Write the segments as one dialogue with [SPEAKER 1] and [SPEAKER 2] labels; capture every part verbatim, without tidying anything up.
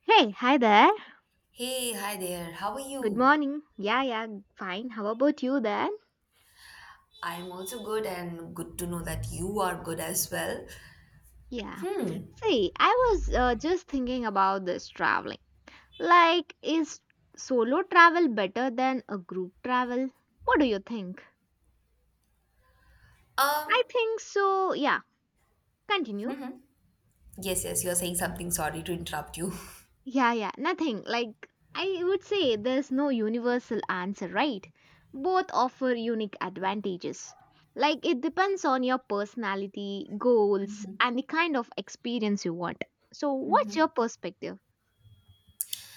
[SPEAKER 1] Hey, hi there.
[SPEAKER 2] Hey, hi there. How are
[SPEAKER 1] Good
[SPEAKER 2] you?
[SPEAKER 1] morning. Yeah, yeah, fine. How about you then?
[SPEAKER 2] I'm also good and good to know that you are good as well.
[SPEAKER 1] Yeah.
[SPEAKER 2] Hmm.
[SPEAKER 1] See, I was uh, just thinking about this traveling. Like, is solo travel better than a group travel? What do you think? I
[SPEAKER 2] Um,
[SPEAKER 1] think so. Yeah, continue.
[SPEAKER 2] yes, yes, you're saying something. Sorry to interrupt you.
[SPEAKER 1] Yeah, yeah, nothing. Like, I would say there's no universal answer, right? Both offer unique advantages. Like, it depends on your personality, goals, and the kind of experience you want. So, what's your perspective?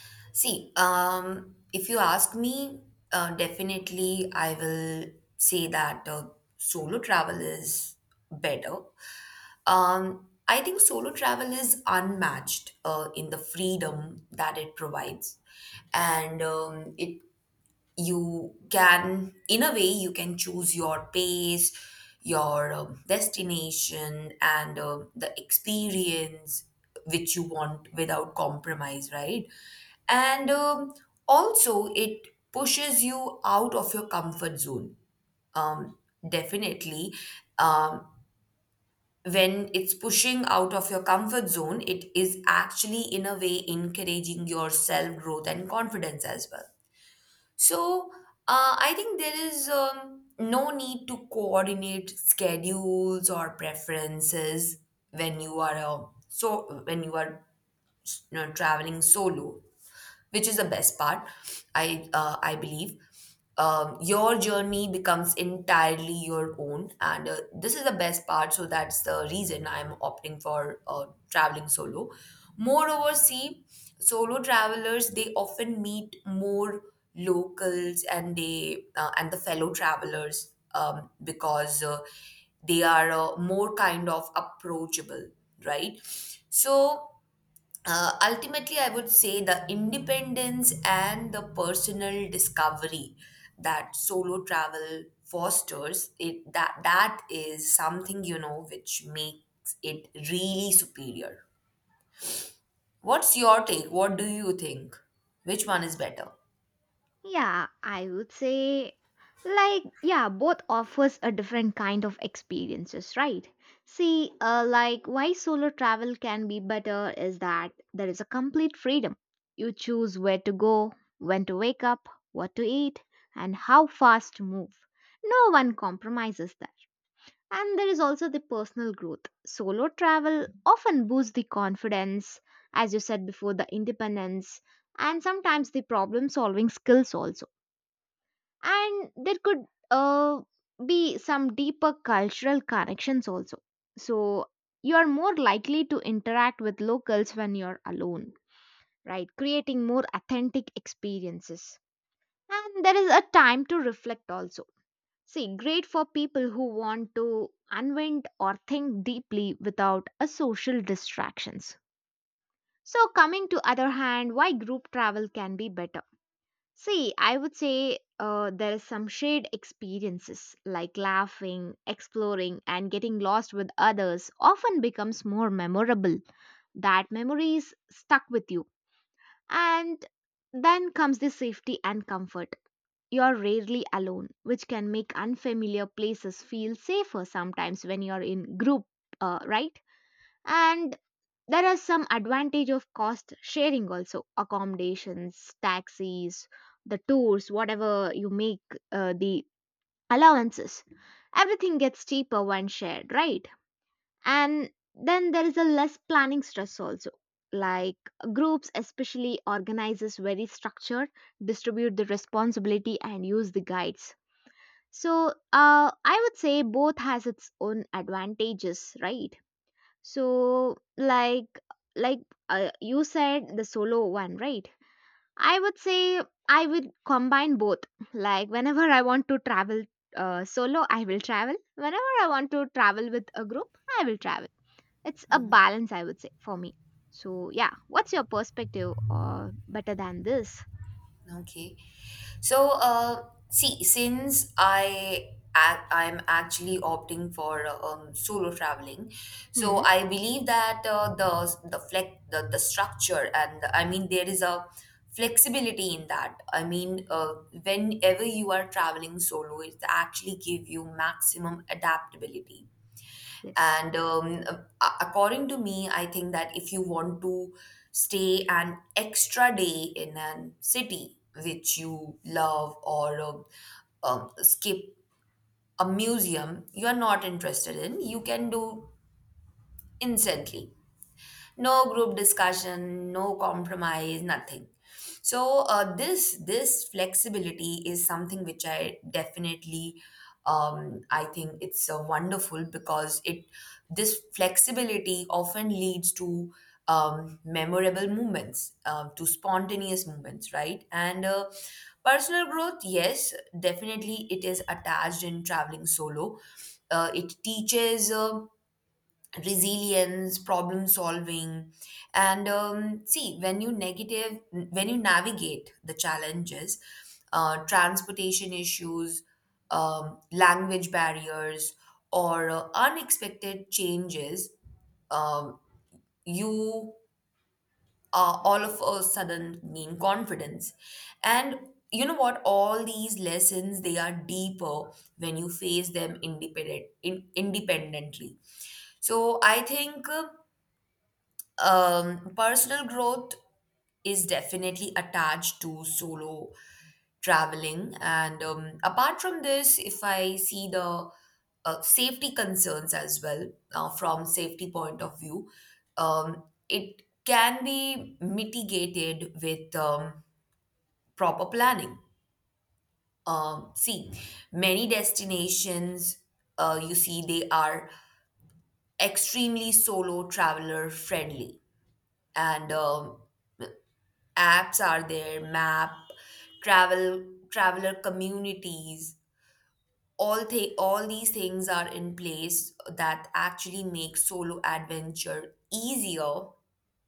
[SPEAKER 2] See, um, if you ask me, uh, definitely I will say that uh, solo travel is better. Um, I think solo travel is unmatched uh, in the freedom that it provides, and um, it you can in a way you can choose your pace, your um, destination, and um the experience which you want without compromise, right? And um, also it pushes you out of your comfort zone. um, definitely, um, when it's pushing out of your comfort zone, it is actually in a way encouraging your self growth and confidence as well. So, uh, I think there is um, no need to coordinate schedules or preferences when you are a, so when you are, you know, traveling solo, which is the best part. I uh, i believe um, your journey becomes entirely your own, and uh, this is the best part. So that's the reason I'm opting for uh, traveling solo. Moreover, see, solo travelers, they often meet more locals, and they uh, and the fellow travelers, um, because uh, they are uh, more kind of approachable, right? So uh, ultimately, I would say the independence and the personal discovery that solo travel fosters, it that that is something, you know, which makes it really superior. What's your take? What do you think? Which one is
[SPEAKER 1] Yes.
[SPEAKER 2] better?
[SPEAKER 1] Yeah, I would say like yeah, both offers a different kind of experiences, right? See, uh, like why solo travel can be better is that there is a complete freedom. You choose where to go, when to wake up, what to eat, and how fast to move. No one compromises there. And there is also the personal growth. Solo travel often boosts the confidence, as you said before, the independence, and sometimes the problem solving skills also, and there could uh, be some deeper cultural connections also. So you are more likely to interact with locals when you're alone, right, creating more authentic experiences. And there is a time to reflect also. See, great for people who want to unwind or think deeply without a social distractions. So coming to other hand, why group travel can be better? See, I would say uh, there is some shared experiences like laughing, exploring, and getting lost with others often becomes more memorable. That memories stuck with you. And then comes the safety and comfort. You're rarely alone, which can make unfamiliar places feel safer sometimes when you're in group, uh, right? And there are some advantage of cost sharing also, accommodations, taxis, the tours, whatever you make, uh, the allowances. Everything gets cheaper when shared, right? And then there is a less planning stress also. Like groups, especially organizes very structured, distribute the responsibility and use the guides. So uh, I would say both has its own advantages, right? So, like, like uh, you said, the solo one, right? I would say I would combine both. Like, whenever I want to travel uh, solo, I will travel. Whenever I want to travel with a group, I will travel. It's a balance, I would say, for me. So, yeah, what's your perspective or better than this?
[SPEAKER 2] Okay. So, uh, see, since I ac- I'm actually opting for uh, um, solo traveling, so
[SPEAKER 1] Hmm,
[SPEAKER 2] I believe that uh, the the flex the, the structure, and I mean there is a flexibility in that. I mean, uh, whenever you are traveling solo, it actually give you maximum adaptability.
[SPEAKER 1] yes.
[SPEAKER 2] And um, a- according to me, I think that if you want to stay an extra day in a city which you love, or um, um, skip a museum you are not interested in, you can do instantly. No group discussion, no compromise, nothing. So uh, this this flexibility is something which I definitely, um, I think it's uh, wonderful, because it this flexibility often leads to um, memorable movements, uh, to spontaneous movements, right? And uh, personal growth, yes, definitely it is attached in traveling solo. Uh, it teaches uh, resilience, problem solving. And um, see, when you negative when you navigate the challenges, uh, transportation issues, um, language barriers, or uh, unexpected changes, um, you are all of a sudden gain confidence. And you know what, all these lessons, they are deeper when you face them independent in, independently. So I think, uh, um, personal growth is definitely attached to solo traveling. And um, apart from this, if I see the uh, safety concerns as well, uh, from safety point of view, um, it can be mitigated with um, proper planning. Um, see, many destinations, uh, you see, they are extremely solo traveler friendly. And um, apps are there, map, travel traveler communities, all th- all these things are in place that actually make solo adventure easier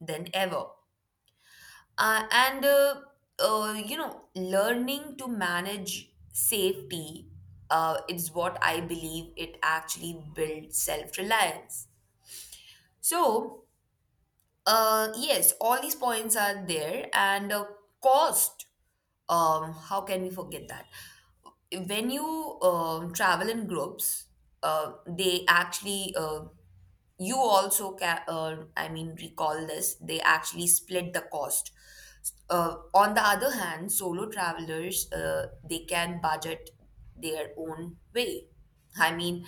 [SPEAKER 2] than ever. Uh, and uh, uh, You know, learning to manage safety uh, is what I believe it actually builds self-reliance. So, Uh, yes, all these points are there, and uh, cost. Um, how can we forget that? When you um travel in groups, uh, they actually uh, you also ca- uh, I mean, recall this, they actually split the cost. Uh, on the other hand, solo travelers, uh, they can budget their own way. I mean,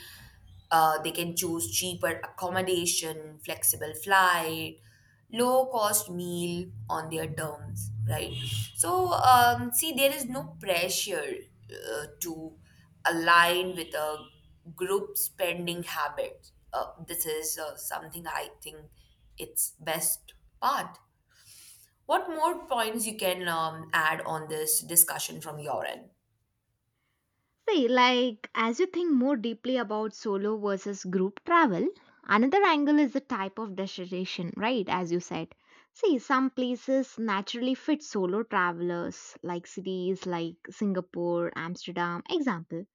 [SPEAKER 2] uh, they can choose cheaper accommodation, flexible flight, low cost meal on their terms, right? So um, see, there is no pressure uh, to align with a group spending habit. Uh, this is uh, something I think it's best part. What more points you can um, add on this discussion from your end?
[SPEAKER 1] See, like, as you think more deeply about solo versus group travel, another angle is the type of destination, right? As you said. See, some places naturally fit solo travelers, like cities like Singapore, Amsterdam, example.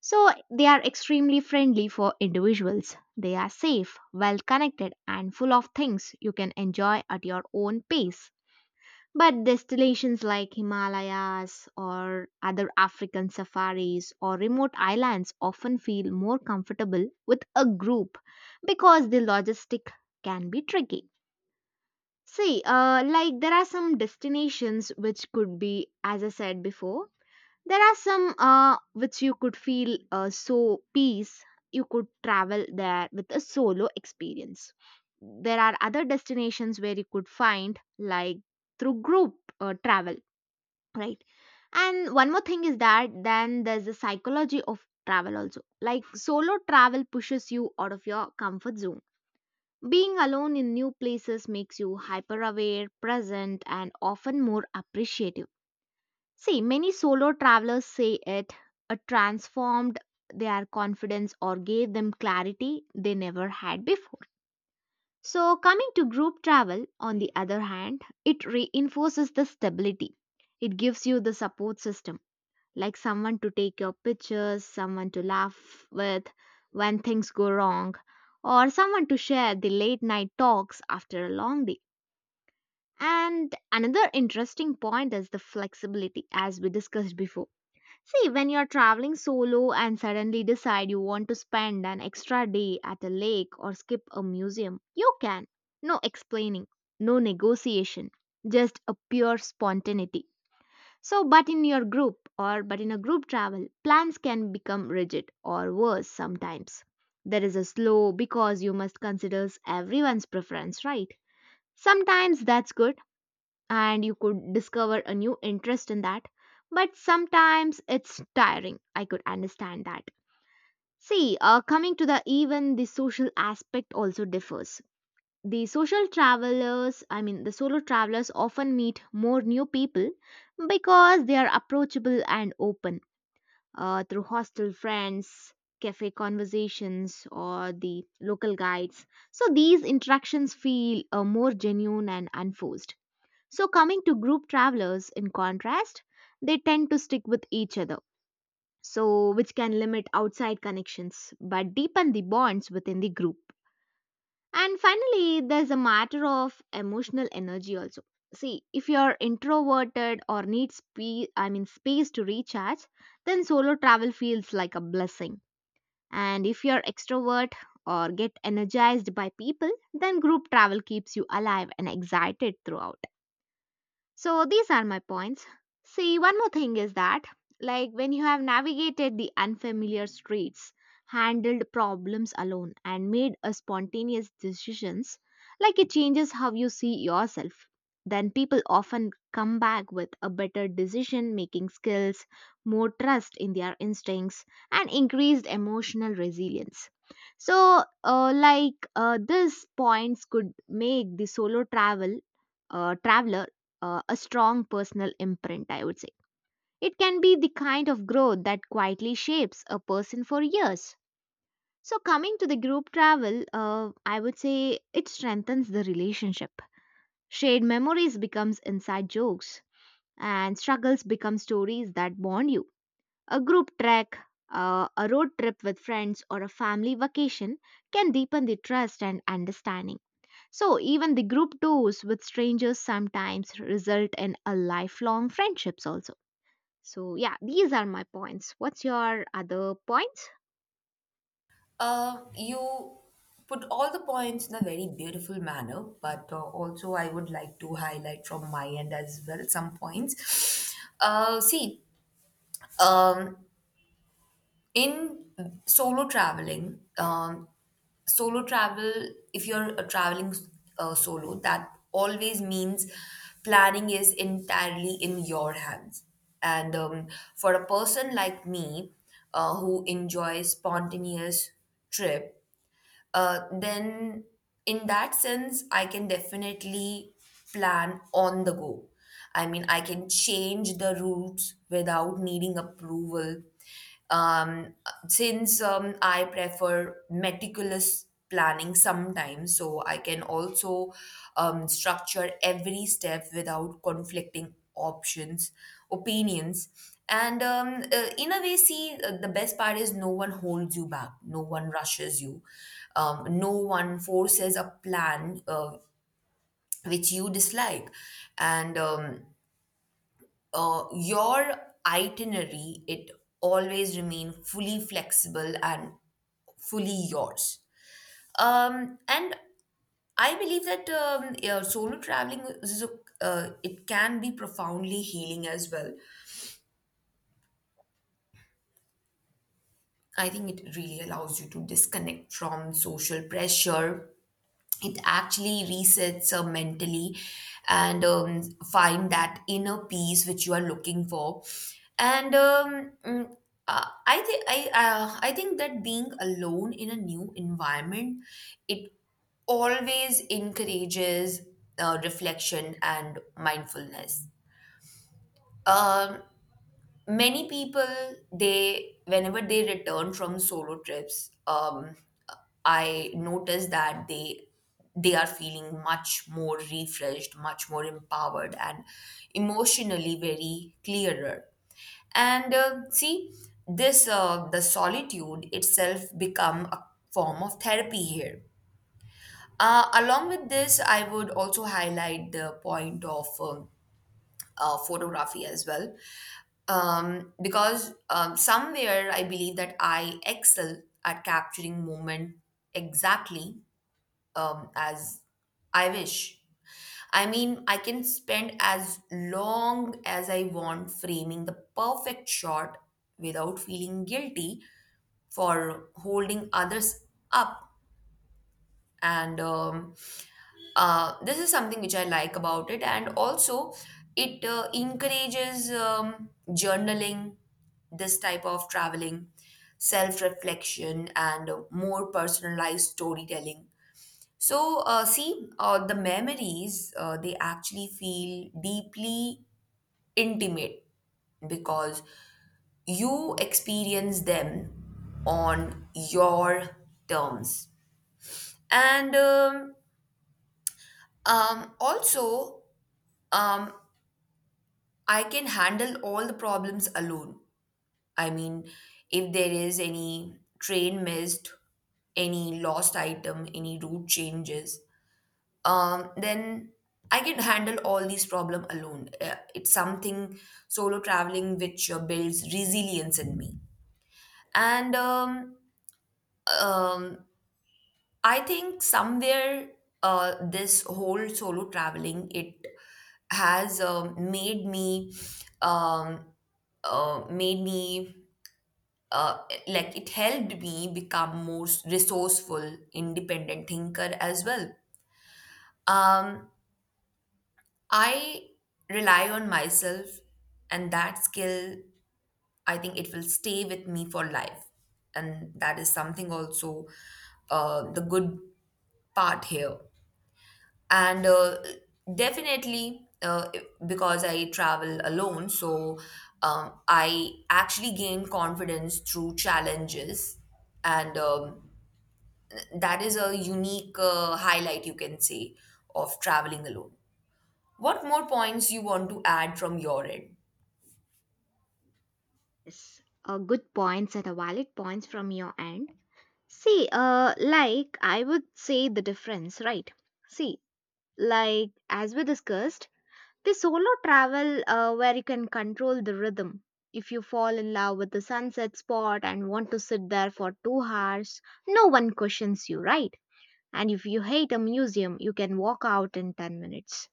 [SPEAKER 1] So, they are extremely friendly for individuals. They are safe, well connected, and full of things you can enjoy at your own pace. But destinations like Himalayas or other African safaris or remote islands often feel more comfortable with a group because the logistic can be tricky. See, uh, like there are some destinations which could be, as I said before, there are some uh, which you could feel uh, so peace, you could travel there with a solo experience. There are other destinations where you could find, like through group uh, travel, right. And one more thing is that then there's the psychology of travel also. Like solo travel pushes you out of your comfort zone. Being alone in new places makes you hyper aware, present and often more appreciative. See, many solo travelers say it uh, transformed their confidence or gave them clarity they never had before. So coming to group travel on the other hand, it reinforces the stability. It gives you the support system, like someone to take your pictures, someone to laugh with when things go wrong, or someone to share the late night talks after a long day. And another interesting point is the flexibility, as we discussed before. See, when you're traveling solo and suddenly decide you want to spend an extra day at a lake or skip a museum, you can. No explaining, no negotiation, just a pure spontaneity. So, but in your group or but in a group travel, plans can become rigid or worse sometimes. There is a slow because you must consider everyone's preference, right? Sometimes that's good and you could discover a new interest in that, but sometimes it's tiring. I could understand that. See, uh, coming to the even the social aspect also differs. The social travelers, I mean, the solo travelers often meet more new people because they are approachable and open, uh, through hostel friends, cafe conversations, or the local guides. So these interactions feel uh, more genuine and unforced. So, coming to group travelers, in contrast, they tend to stick with each other, so which can limit outside connections but deepen the bonds within the group. And finally, there's a matter of emotional energy also. See, if you're introverted or need spe- I mean space to recharge, then solo travel feels like a blessing. And if you're extrovert or get energized by people, then group travel keeps you alive and excited throughout. So these are my points. See, one more thing is that, like when you have navigated the unfamiliar streets, handled problems alone, and made a spontaneous decisions, like it changes how you see yourself. Then people often come back with a better decision making skills, more trust in their instincts, and increased emotional resilience. So, uh, like uh, these points could make the solo travel uh, traveler uh, a strong personal imprint, I would say. It can be the kind of growth that quietly shapes a person for years. So, coming to the group travel, uh, I would say it strengthens the relationship. Shared memories becomes inside jokes, and struggles become stories that bond you. A group trek, uh, a road trip with friends, or a family vacation can deepen the trust and understanding. So, even the group tours with strangers sometimes result in a lifelong friendships also. So, yeah, these are my points. What's your other points?
[SPEAKER 2] Uh, you put all the points in a very beautiful manner, but uh, also I would like to highlight from my end as well some points. Uh, see, um, in solo traveling, um, solo travel, if you're uh, traveling uh, solo, that always means planning is entirely in your hands. And um, for a person like me, uh, who enjoys spontaneous trip, uh, then in that sense, I can definitely plan on the go. I mean, I can change the routes without needing approval. Um, since um, I prefer meticulous planning sometimes, so I can also um, structure every step without conflicting options, opinions. And um, uh, in a way, see, uh, the best part is no one holds you back, no one rushes you, um, no one forces a plan uh, which you dislike, and um, uh, your itinerary, it always remain fully flexible and fully yours. Um, and I believe that um, yeah, solo traveling is a, uh, it can be profoundly healing as well. I think it really allows you to disconnect from social pressure. It actually resets uh, mentally and um, find that inner peace which you are looking for. And um, mm, uh, I think I uh, I think that being alone in a new environment, it always encourages uh, reflection and mindfulness. Um, many people, they whenever they return from solo trips, um I notice that they they are feeling much more refreshed, much more empowered, and emotionally very clearer. And uh, see, this uh, the solitude itself become a form of therapy here. Uh, along with this, I would also highlight the point of um, uh, photography as well, um, because um, somewhere I believe that I excel at capturing moment exactly um, as I wish. I mean, I can spend as long as I want framing the perfect shot without feeling guilty for holding others up. And um, uh, this is something which I like about it, and also it uh, encourages um, journaling, this type of traveling, self reflection, and uh, more personalized storytelling. So, uh, see, uh, the memories, uh, they actually feel deeply intimate because you experience them on your terms. And um, Um, also, um, I can handle all the problems alone. I mean, if there is any train missed, any lost item, any route changes, um, then I can handle all these problems alone. Uh, It's something solo traveling which uh, builds resilience in me. And um, um, I think somewhere uh, this whole solo traveling, it has um made me, um, uh, made me uh, like, it helped me become more resourceful, independent thinker as well. Um, I rely on myself, and that skill, I think it will stay with me for life, and that is something also uh, the good part here. And uh, definitely, uh, because I travel alone, so um, I actually gain confidence through challenges. And um, that is a unique uh, highlight, you can say, of traveling alone. What more points you want to add from your end?
[SPEAKER 1] Yes, uh, good points and a valid points from your end. See, uh, like I would say the difference, right? See, like as we discussed, the solo travel uh, where you can control the rhythm. If you fall in love with the sunset spot and want to sit there for two hours, no one questions you, right? And if you hate a museum, you can walk out in ten minutes.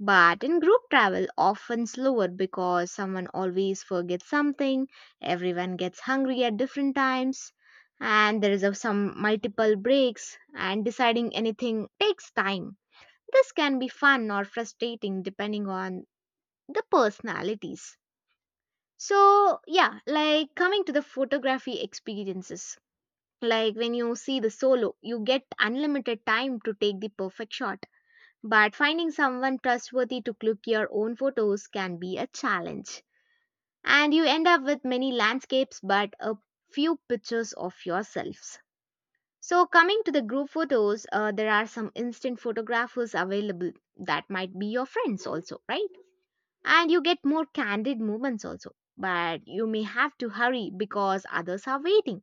[SPEAKER 1] But in group travel, often slower because someone always forgets something, everyone gets hungry at different times, and there is a- some multiple breaks, and deciding anything takes time. This can be fun or frustrating depending on the personalities. So, yeah, like coming to the photography experiences. Like when you see the solo, you get unlimited time to take the perfect shot, but finding someone trustworthy to cook your own photos can be a challenge. And you end up with many landscapes but a few pictures of yourselves. So, coming to the group photos, uh, there are some instant photographers available that might be your friends also, right? And you get more candid moments also. But you may have to hurry because others are waiting.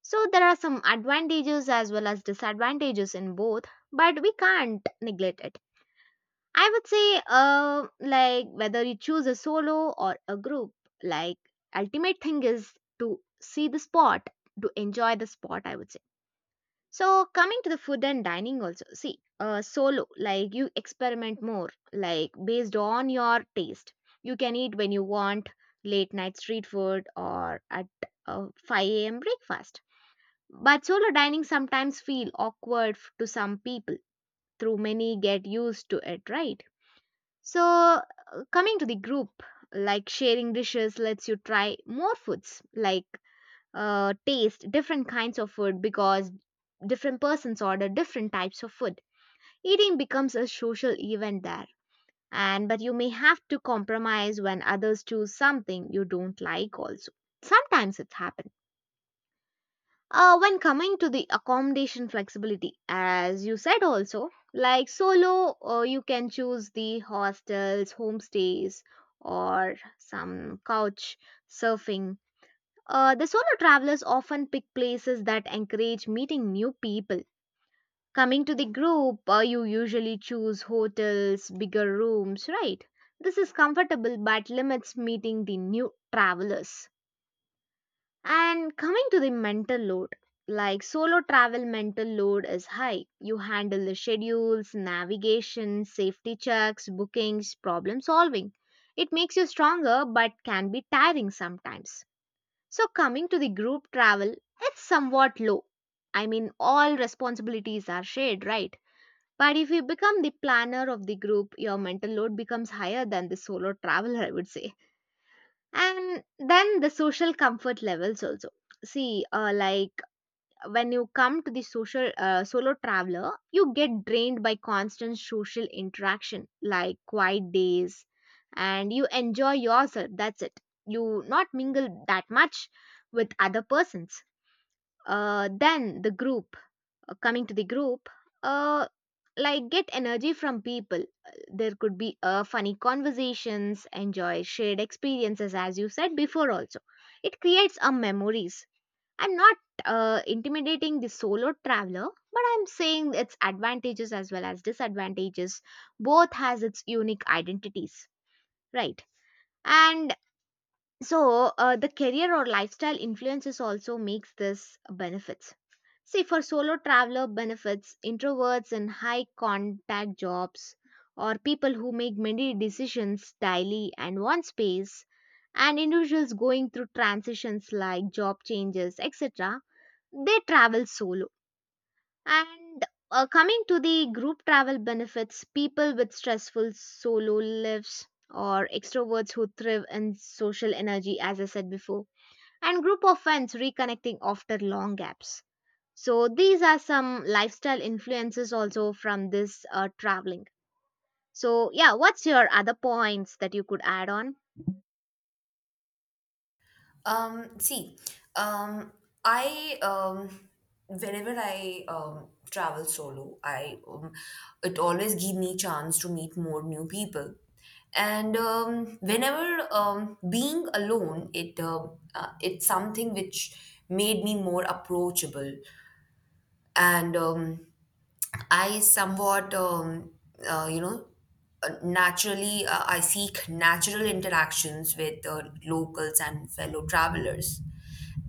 [SPEAKER 1] So, there are some advantages as well as disadvantages in both, but we can't neglect it. I would say, uh, like whether you choose a solo or a group, like ultimate thing is to see the spot, to enjoy the spot. I would say. So coming to the food and dining also, see, uh, solo like you experiment more, like based on your taste. You can eat when you want, late night street food or at uh, five a m breakfast. But solo dining sometimes feel awkward f- to some people. Through many get used to it, right? So, uh, coming to the group, like sharing dishes lets you try more foods, like uh, taste different kinds of food because different persons order different types of food. Eating becomes a social event there. And but you may have to compromise when others choose something you don't like also. Sometimes it happens uh, when coming to the accommodation flexibility, as you said also, like solo, uh, you can choose the hostels, homestays, or some couch surfing. Uh, the solo travelers often pick places that encourage meeting new people. Coming to the group, uh, you usually choose hotels, bigger rooms, right? This is comfortable but limits meeting the new travelers. And coming to the mental load, like solo travel mental load is high. You handle the schedules, navigation, safety checks, bookings, problem solving. It makes you stronger but can be tiring sometimes. So coming to the group travel, it's somewhat low. I mean all responsibilities are shared, right? But if you become the planner of the group, your mental load becomes higher than the solo traveler, I would say, and then the social comfort levels also. See uh, like when you come to the social, uh, solo traveler, you get drained by constant social interaction like quiet days, and you enjoy yourself, that's it. You not mingle that much with other persons. Uh, then the group uh, Coming to the group, uh, like get energy from people. There could be uh, funny conversations, enjoy shared experiences, as you said before also. It creates a memories. I'm not uh, intimidating the solo traveler, but I'm saying its advantages as well as disadvantages. Both has its unique identities, right? And so uh, the career or lifestyle influences also makes this benefits. See, for solo traveler benefits introverts in high contact jobs, or people who make many decisions daily and want space, and individuals going through transitions like job changes, et cetera, they travel solo. And uh, Coming to the group travel benefits, people with stressful solo lives or extroverts who thrive in social energy, as I said before, and group of friends reconnecting after long gaps. So these are some lifestyle influences also from this uh, traveling. So yeah, what's your other points that you could add on?
[SPEAKER 2] Um, see, um, I um, whenever I um, travel solo, I um, it always give me chance to meet more new people. And um, whenever um, being alone, it uh, uh, it's something which made me more approachable. And um, I somewhat, um, uh, you know, uh, naturally, uh, I seek natural interactions with uh, locals and fellow travelers.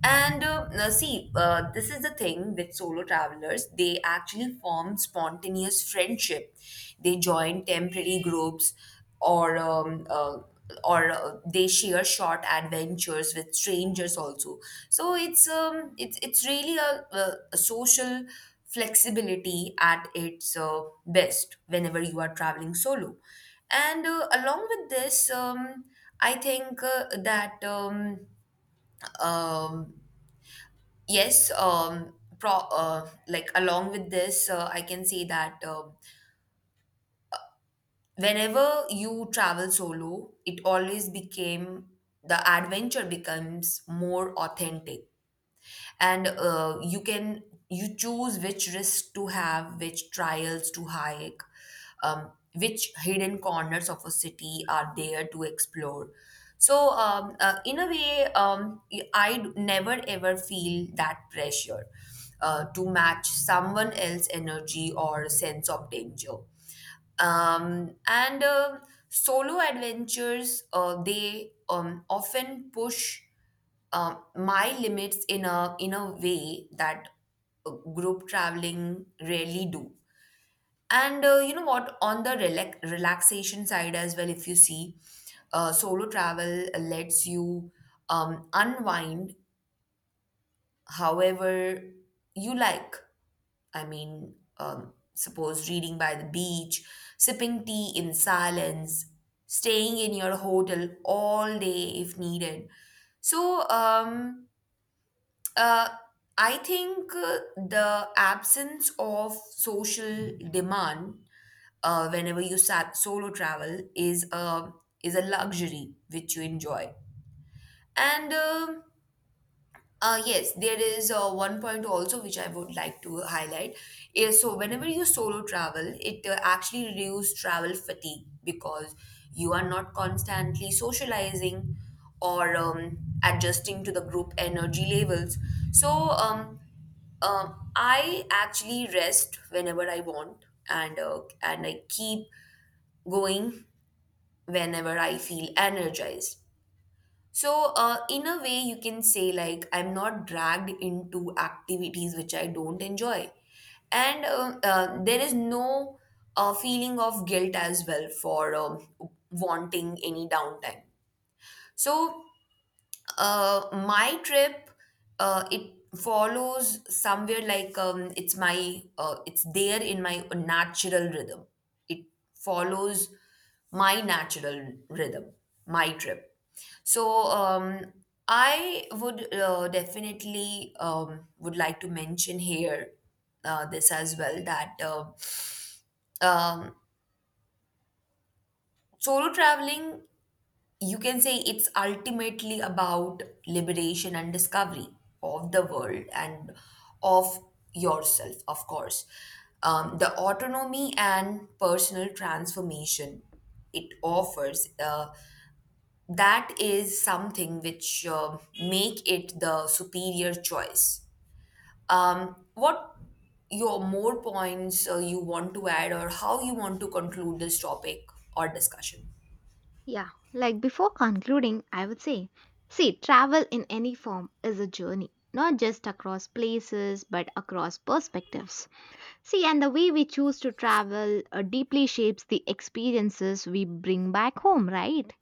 [SPEAKER 2] And uh, now see, uh, this is the thing with solo travelers. They actually form spontaneous friendship. They join temporary groups, or um, uh, or uh, they share short adventures with strangers also. So it's um it's it's really a, a, a social flexibility at its uh, best whenever you are traveling solo. And uh, along with this, um I think uh, that um um yes um pro uh, like, along with this, uh, I can say that um whenever you travel solo, it always became the adventure becomes more authentic, and uh, you can you choose which risks to have, which trials to hike, um, which hidden corners of a city are there to explore. So, um, uh, in a way, um, I d- never ever feel that pressure uh, to match someone else's energy or sense of danger. Um, and uh, solo adventures, uh, they um, often push um, my limits in a in a way that uh, group traveling rarely do. And uh, you know what, on the relax- relaxation side as well, if you see, uh, solo travel lets you um, unwind however you like. I mean, um, suppose reading by the beach, sipping tea in silence, staying in your hotel all day if needed. So, um, uh, I think uh, the absence of social demand, uh, whenever you sat solo travel, is a, is a luxury which you enjoy. And um uh, yes, there is uh, one point also which I would like to highlight. Is so whenever you solo travel, it uh, actually reduces travel fatigue because you are not constantly socializing or um, adjusting to the group energy levels. So um, um, I actually rest whenever I want. And uh, and I keep going whenever I feel energized. So, uh, in a way, you can say, like, I'm not dragged into activities which I don't enjoy. And uh, uh, there is no uh, feeling of guilt as well for um, wanting any downtime. So, uh, my trip, uh, it follows somewhere, like, um, it's my uh, it's there in my natural rhythm. It follows my natural rhythm, my trip. So um, I would, uh, definitely, um, would like to mention here uh, this as well, that uh, um, solo traveling, you can say it's ultimately about liberation and discovery of the world and of yourself, of course. Um, the autonomy and personal transformation it offers, uh, that is something which uh, make it the superior choice. Um, what your more points uh, you want to add, or how you want to conclude this topic or discussion?
[SPEAKER 1] Yeah, like before concluding, I would say, see, travel in any form is a journey, not just across places but across perspectives. See, and the way we choose to travel uh, deeply shapes the experiences we bring back home, right?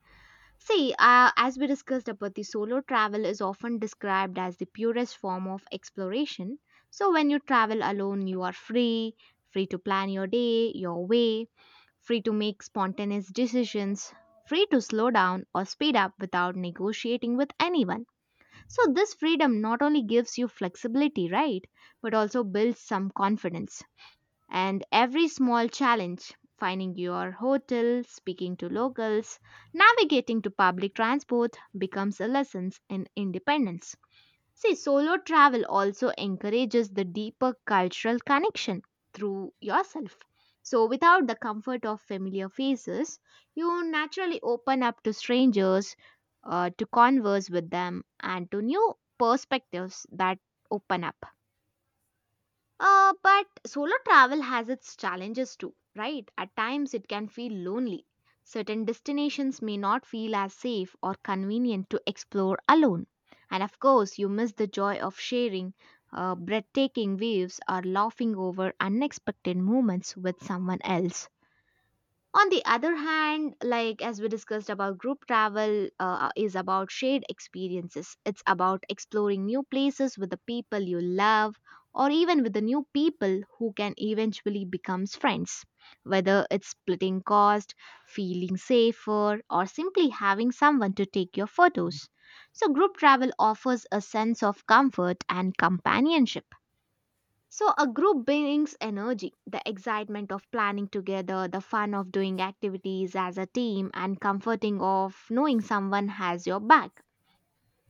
[SPEAKER 1] See, uh, as we discussed about the solo travel is often described as the purest form of exploration. So when you travel alone, you are free, free to plan your day, your way, free to make spontaneous decisions, free to slow down or speed up without negotiating with anyone. So this freedom not only gives you flexibility, right, but also builds some confidence. And every small challenge finding your hotel, speaking to locals, navigating to public transport becomes a lesson in independence. See, solo travel also encourages the deeper cultural connection through yourself. So, without the comfort of familiar faces, you naturally open up to strangers, uh, to converse with them, and to new perspectives that open up. Uh, but solo travel has its challenges too, right? At times it can feel lonely. Certain destinations may not feel as safe or convenient to explore alone. And of course, you miss the joy of sharing uh, breathtaking views or laughing over unexpected moments with someone else. On the other hand, like as we discussed about group travel, uh, is about shared experiences. It's about exploring new places with the people you love, or even with the new people who can eventually become friends. Whether it's splitting cost, feeling safer, or simply having someone to take your photos, so group travel offers a sense of comfort and companionship. So, a group brings energy, the excitement of planning together, the fun of doing activities as a team, and comforting of knowing someone has your back.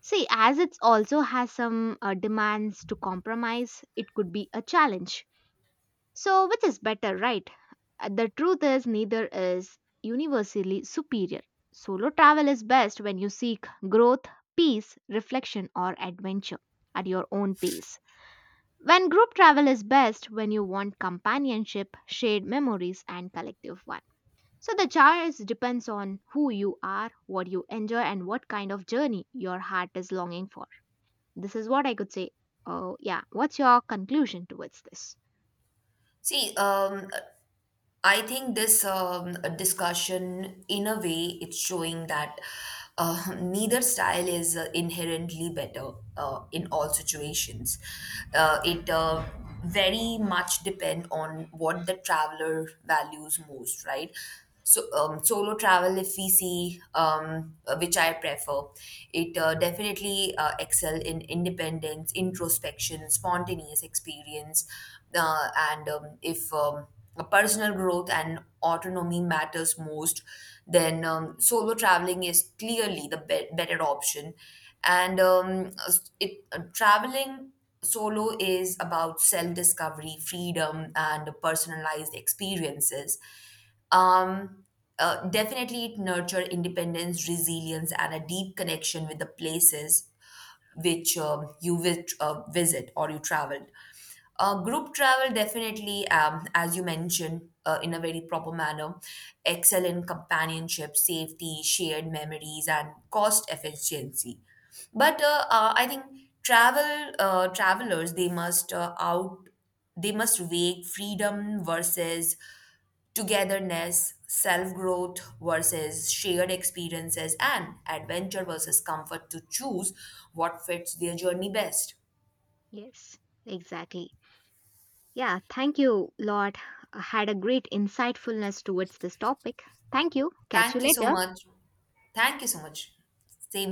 [SPEAKER 1] See, as it also has some uh, demands to compromise, it could be a challenge. So, which is better, right? Uh, The truth is, neither is universally superior. Solo travel is best when you seek growth, peace, reflection, or adventure at your own pace. When group travel is best when you want companionship, shared memories, and collective one. So the choice depends on who you are, what you enjoy, and what kind of journey your heart is longing for. This is what I could say. Oh, yeah. What's your conclusion towards this?
[SPEAKER 2] See, um, I think this um, discussion, in a way, it's showing that uh, neither style is uh, inherently better uh, in all situations. Uh, it uh, very much depend on what the traveler values most, right? So, um, solo travel, if we see, um, uh, which I prefer, it uh, definitely uh, excel in independence, introspection, spontaneous experience. Uh, and um, if um, a personal growth and autonomy matters most, then um, solo traveling is clearly the be- better option. And um, s- it uh, traveling solo is about self discovery, freedom, and personalized experiences. um, uh, definitely it nurture independence, resilience, and a deep connection with the places which um, you vis- uh, visit or you traveled. Uh, group travel, definitely, um, as you mentioned, uh, in a very proper manner, excel in companionship, safety, shared memories, and cost efficiency. But uh, uh, I think travel uh, travelers, they must uh, out they must weigh freedom versus togetherness, self growth versus shared experiences, and adventure versus comfort to choose what fits their journey best.
[SPEAKER 1] Yes, exactly. Yeah, thank you, Lord. I had a great insightfulness towards this topic. Thank you. Catch you
[SPEAKER 2] Thank you so
[SPEAKER 1] later.
[SPEAKER 2] much. Thank you so much. Same